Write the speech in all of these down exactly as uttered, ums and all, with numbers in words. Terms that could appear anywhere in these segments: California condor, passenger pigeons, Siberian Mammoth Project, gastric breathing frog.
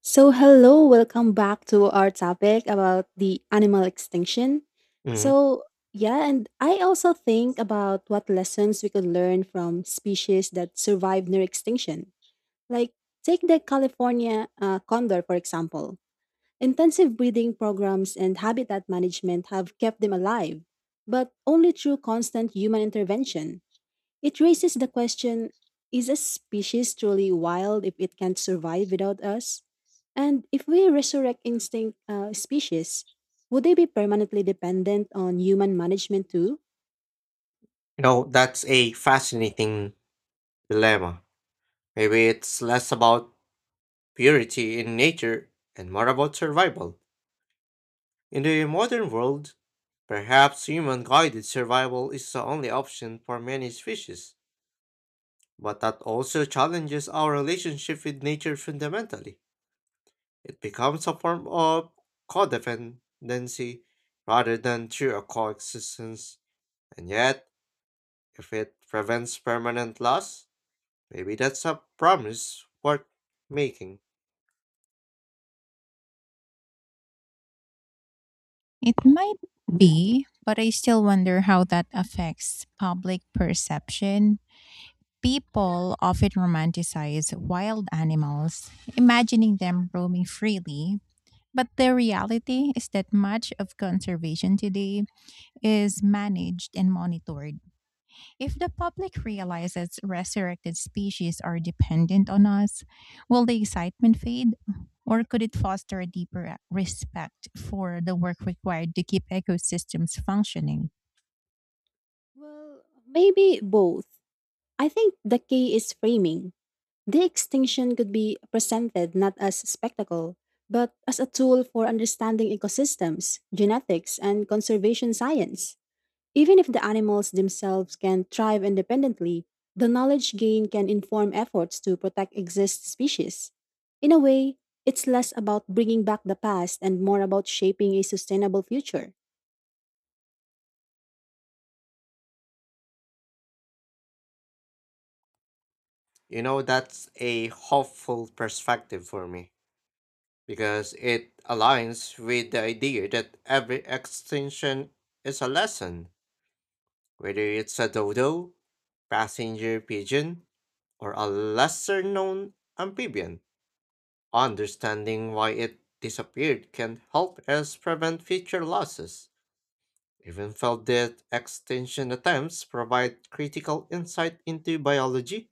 So, hello, welcome back to our topic about the animal extinction. Mm. So, yeah, and I also think about what lessons we could learn from species that survived near extinction. Like, take the California uh, condor, for example. Intensive breeding programs and habitat management have kept them alive, but only through constant human intervention. It raises the question, is a species truly wild if it can't survive without us? And if we resurrect instinct uh, species, would they be permanently dependent on human management too? You know, that's a fascinating dilemma. Maybe it's less about purity in nature and more about survival. In the modern world, perhaps human guided survival is the only option for many species, but that also challenges our relationship with nature fundamentally. It becomes a form of codependency rather than true coexistence, and yet, if it prevents permanent loss, maybe that's a promise worth making. It might be, but I still wonder how that affects public perception. People often romanticize wild animals, imagining them roaming freely. But the reality is that much of conservation today is managed and monitored. If the public realizes resurrected species are dependent on us, will the excitement fade? Or could it foster a deeper respect for the work required to keep ecosystems functioning? Well, maybe both. I think the key is framing. The extinction could be presented not as a spectacle, but as a tool for understanding ecosystems, genetics, and conservation science. Even if the animals themselves can thrive independently, the knowledge gained can inform efforts to protect exist species. In a way, it's less about bringing back the past and more about shaping a sustainable future. You know, that's a hopeful perspective for me because it aligns with the idea that every extinction is a lesson, whether it's a dodo, passenger pigeon, or a lesser known amphibian. Understanding why it disappeared can help us prevent future losses. Even felt that extinction attempts provide critical insight into biology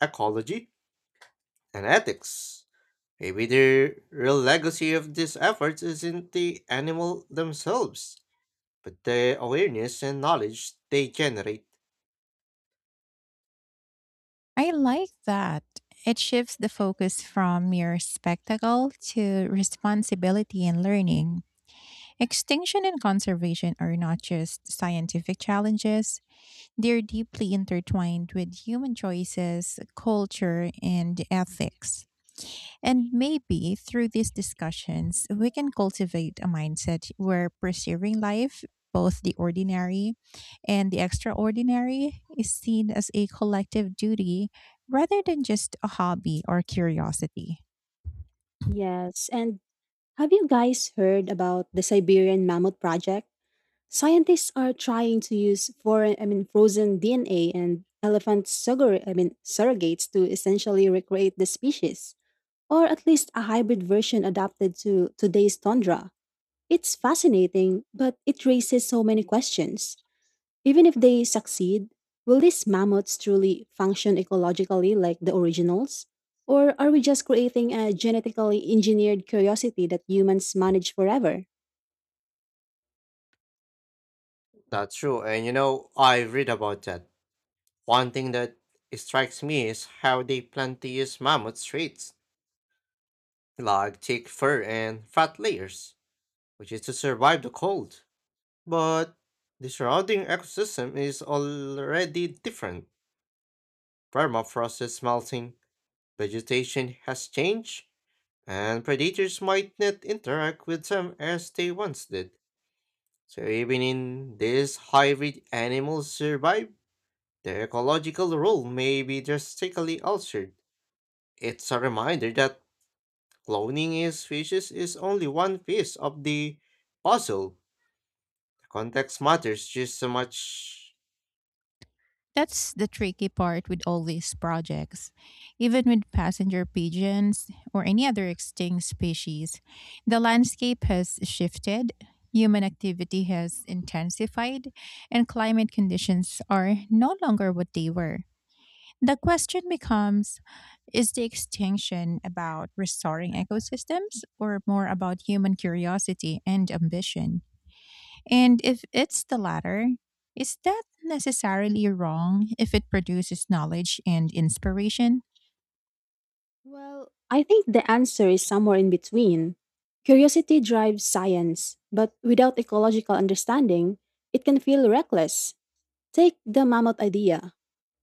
ecology, and ethics. Maybe the real legacy of these efforts isn't the animal themselves, but the awareness and knowledge they generate. I like that. It shifts the focus from mere spectacle to responsibility and learning. Extinction and conservation are not just scientific challenges, they're deeply intertwined with human choices, culture, and ethics. And maybe through these discussions, we can cultivate a mindset where preserving life, both the ordinary and the extraordinary, is seen as a collective duty rather than just a hobby or curiosity. Yes, and have you guys heard about the Siberian Mammoth Project? Scientists are trying to use foreign, I mean, frozen D N A and elephant sugar, I mean, surrogates to essentially recreate the species, or at least a hybrid version adapted to today's tundra. It's fascinating, but it raises so many questions. Even if they succeed, will these mammoths truly function ecologically like the originals? Or are we just creating a genetically engineered curiosity that humans manage forever? That's true, and you know, I read about that. One thing that strikes me is how they plan to use mammoth traits, like thick fur and fat layers, which is to survive the cold. But the surrounding ecosystem is already different. Permafrost is melting, vegetation has changed, and predators might not interact with them as they once did. So even in these hybrid animals survive, their ecological role may be drastically altered. It's a reminder that cloning a species is only one piece of the puzzle. The context matters just so much. That's the tricky part with all these projects. Even with passenger pigeons or any other extinct species, the landscape has shifted, human activity has intensified, and climate conditions are no longer what they were. The question becomes, is the extinction about restoring ecosystems or more about human curiosity and ambition? And if it's the latter, is that necessarily wrong if it produces knowledge and inspiration? Well, I think the answer is somewhere in between. Curiosity drives science, but without ecological understanding, it can feel reckless. Take the mammoth idea.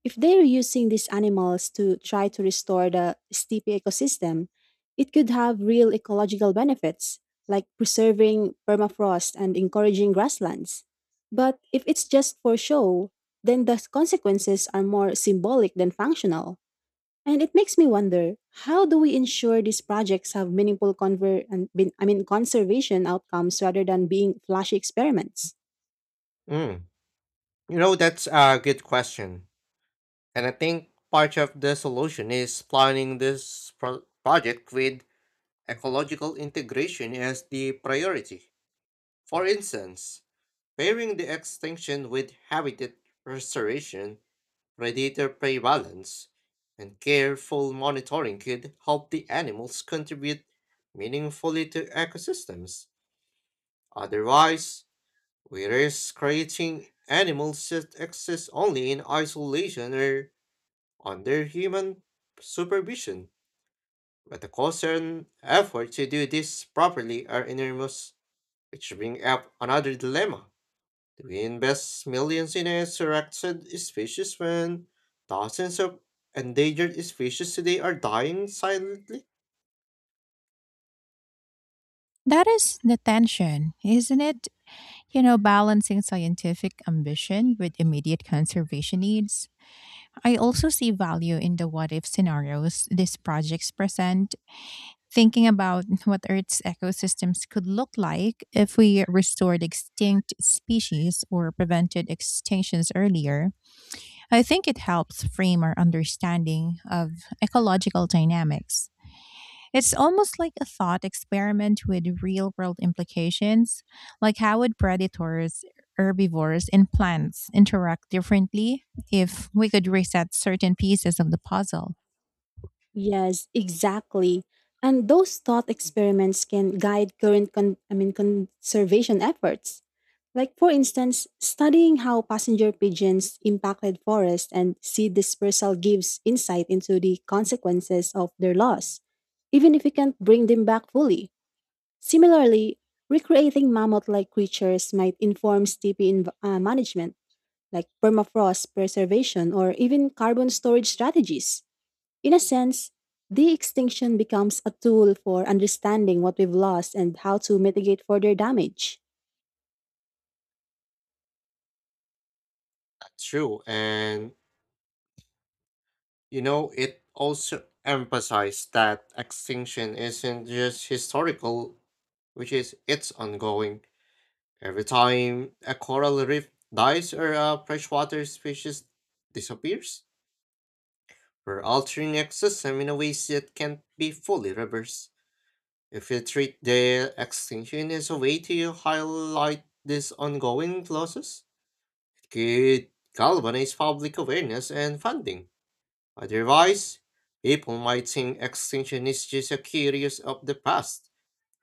If they're using these animals to try to restore the steppe ecosystem, it could have real ecological benefits, like preserving permafrost and encouraging grasslands. But if it's just for show, then the consequences are more symbolic than functional. And it makes me wonder, how do we ensure these projects have meaningful conver- and, bin- I mean, conservation outcomes rather than being flashy experiments? Mm. You know, that's a good question. And I think part of the solution is planning this pro- project with ecological integration is the priority. For instance, pairing the extinction with habitat restoration, predator prey balance, and careful monitoring could help the animals contribute meaningfully to ecosystems. Otherwise, we risk creating animals that exist only in isolation or under human supervision. But the cost and effort to do this properly are enormous. Which brings up another dilemma. Do we invest millions in a selected species when thousands of endangered species today are dying silently? That is the tension, isn't it? You know, balancing scientific ambition with immediate conservation needs. I also see value in the what if scenarios these projects present, thinking about what Earth's ecosystems could look like if we restored extinct species or prevented extinctions earlier. I think it helps frame our understanding of ecological dynamics. It's almost like a thought experiment with real world implications, like how would predators, herbivores, and plants interact differently if we could reset certain pieces of the puzzle? Yes, exactly. And those thought experiments can guide current con- I mean conservation efforts. Like for instance, studying how passenger pigeons impacted forest and seed dispersal gives insight into the consequences of their loss, even if we can't bring them back fully. Similarly, recreating mammoth-like creatures might inform steepy inv- uh, management, like permafrost preservation or even carbon storage strategies. In a sense, de extinction becomes a tool for understanding what we've lost and how to mitigate further damage. That's true, and you know, it also emphasized that extinction isn't just historical, which is, it's ongoing. Every time a coral reef dies or a freshwater species disappears, we're altering ecosystem in a ways that can't be fully reversed. If you treat their extinction as a way to highlight these ongoing losses, it could galvanize public awareness and funding. Otherwise, people might think extinction is just a curious of the past,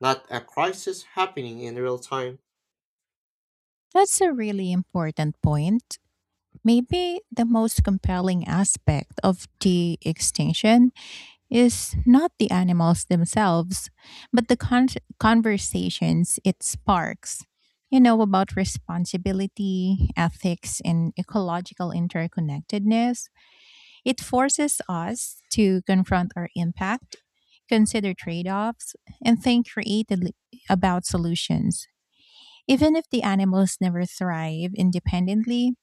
not a crisis happening in real time. That's a really important point. Maybe the most compelling aspect of the extinction is not the animals themselves, but the con- conversations it sparks. You know, about responsibility, ethics, and ecological interconnectedness. It forces us to confront our impact, consider trade offs, and think creatively about solutions. Even if the animals never thrive independently,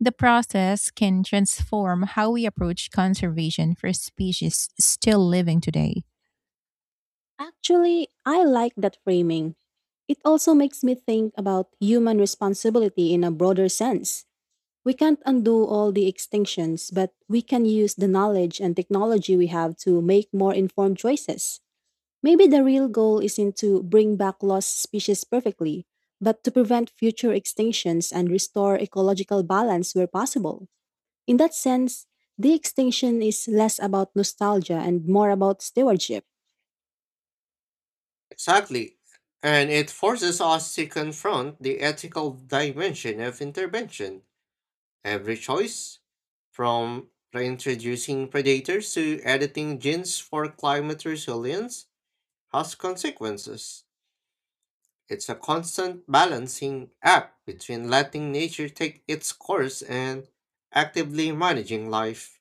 the process can transform how we approach conservation for species still living today. Actually, I like that framing. It also makes me think about human responsibility in a broader sense. We can't undo all the extinctions, but we can use the knowledge and technology we have to make more informed choices. Maybe the real goal isn't to bring back lost species perfectly, but to prevent future extinctions and restore ecological balance where possible. In that sense, the extinction is less about nostalgia and more about stewardship. Exactly. And it forces us to confront the ethical dimension of intervention. Every choice, from reintroducing predators to editing genes for climate resilience, has consequences. It's a constant balancing act between letting nature take its course and actively managing life.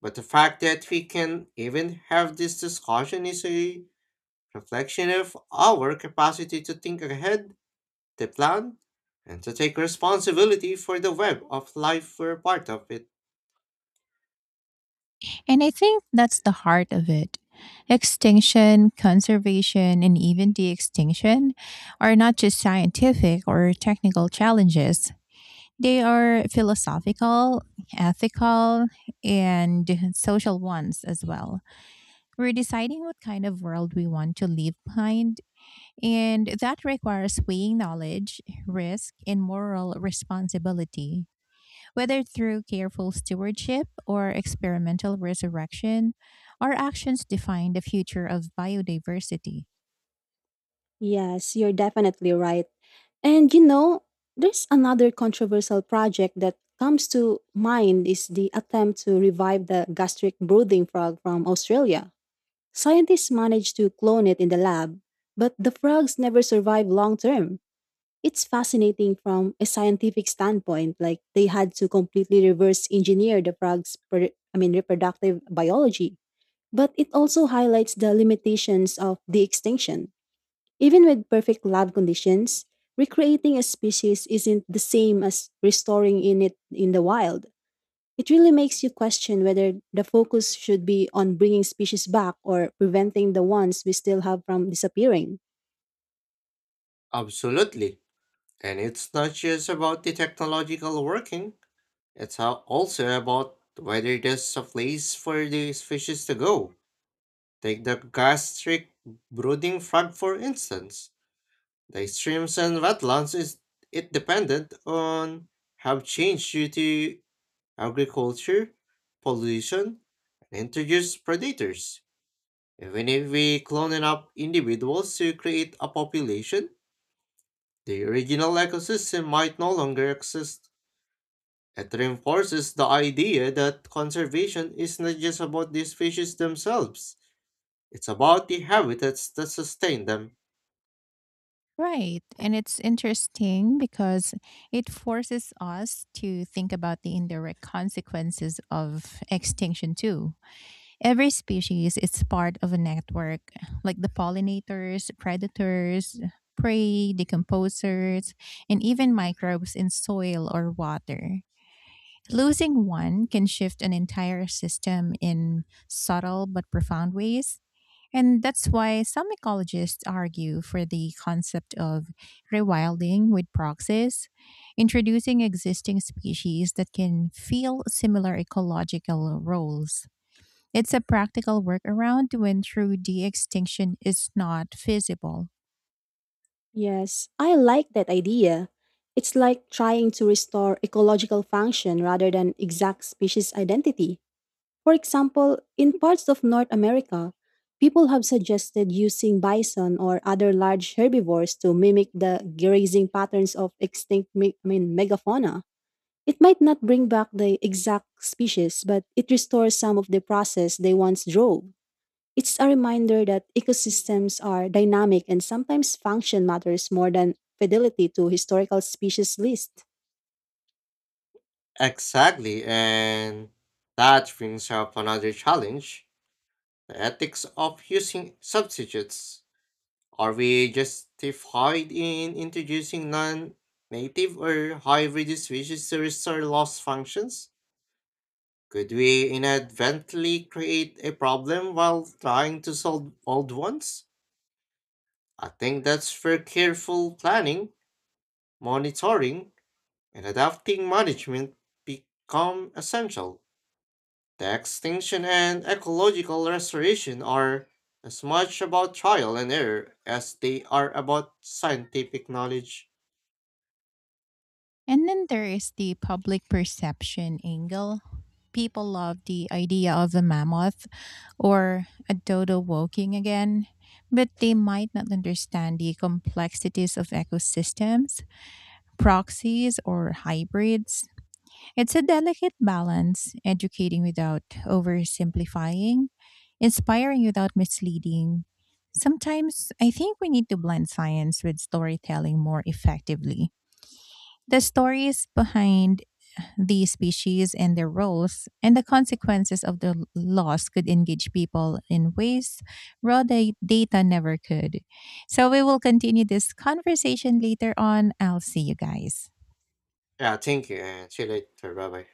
But the fact that we can even have this discussion is a reflection of our capacity to think ahead, to plan, and to take responsibility for the web of life we're part of it. And I think that's the heart of it. Extinction, conservation, and even de extinction are not just scientific or technical challenges. They are philosophical, ethical, and social ones as well. We're deciding what kind of world we want to leave behind, and that requires weighing knowledge, risk, and moral responsibility. Whether through careful stewardship or experimental resurrection, our actions define the future of biodiversity. Yes, you're definitely right. And you know, there's another controversial project that comes to mind is the attempt to revive the gastric breathing frog from Australia. Scientists managed to clone it in the lab, but the frogs never survived long term. It's fascinating from a scientific standpoint, like they had to completely reverse engineer the frog's per- I mean reproductive biology. But it also highlights the limitations of the extinction. Even with perfect lab conditions, recreating a species isn't the same as restoring in it in the wild. It really makes you question whether the focus should be on bringing species back or preventing the ones we still have from disappearing. Absolutely. And it's not just about the technological working, it's how also about whether there's a place for these fishes to go. Take the gastric brooding frog for instance. The streams and wetlands is it dependent on have changed due to agriculture, pollution, and introduced predators. Even if we clone up individuals to create a population, the original ecosystem might no longer exist. It reinforces the idea that conservation is not just about these species themselves, it's about the habitats that sustain them. Right. And it's interesting because it forces us to think about the indirect consequences of extinction, too. Every species is part of a network, like the pollinators, predators, prey, decomposers, and even microbes in soil or water. Losing one can shift an entire system in subtle but profound ways. And that's why some ecologists argue for the concept of rewilding with proxies, introducing existing species that can fill similar ecological roles. It's a practical workaround when true de extinction is not feasible. Yes, I like that idea. It's like trying to restore ecological function rather than exact species identity. For example, in parts of North America, people have suggested using bison or other large herbivores to mimic the grazing patterns of extinct me- I mean, megafauna. It might not bring back the exact species, but it restores some of the process they once drove. It's a reminder that ecosystems are dynamic and sometimes function matters more than fidelity to historical species lists. Exactly, and that brings up another challenge the ethics of using substitutes. Are we justified in introducing non native or hybrid species to restore lost functions? Could we inadvertently create a problem while trying to solve old ones? I think that's where careful planning, monitoring, and adapting management become essential. The extinction and ecological restoration are as much about trial and error as they are about scientific knowledge. And then there is the public perception angle. People love the idea of a mammoth or a dodo walking again, but they might not understand the complexities of ecosystems, proxies, or hybrids. It's a delicate balance, educating without oversimplifying, inspiring without misleading. Sometimes I think we need to blend science with storytelling more effectively, the stories behind the species and their roles, and the consequences of the l- loss could engage people in ways raw da- data never could. So we will continue this conversation later on. I'll see you guys. Yeah, thank you, and see you later. Bye bye.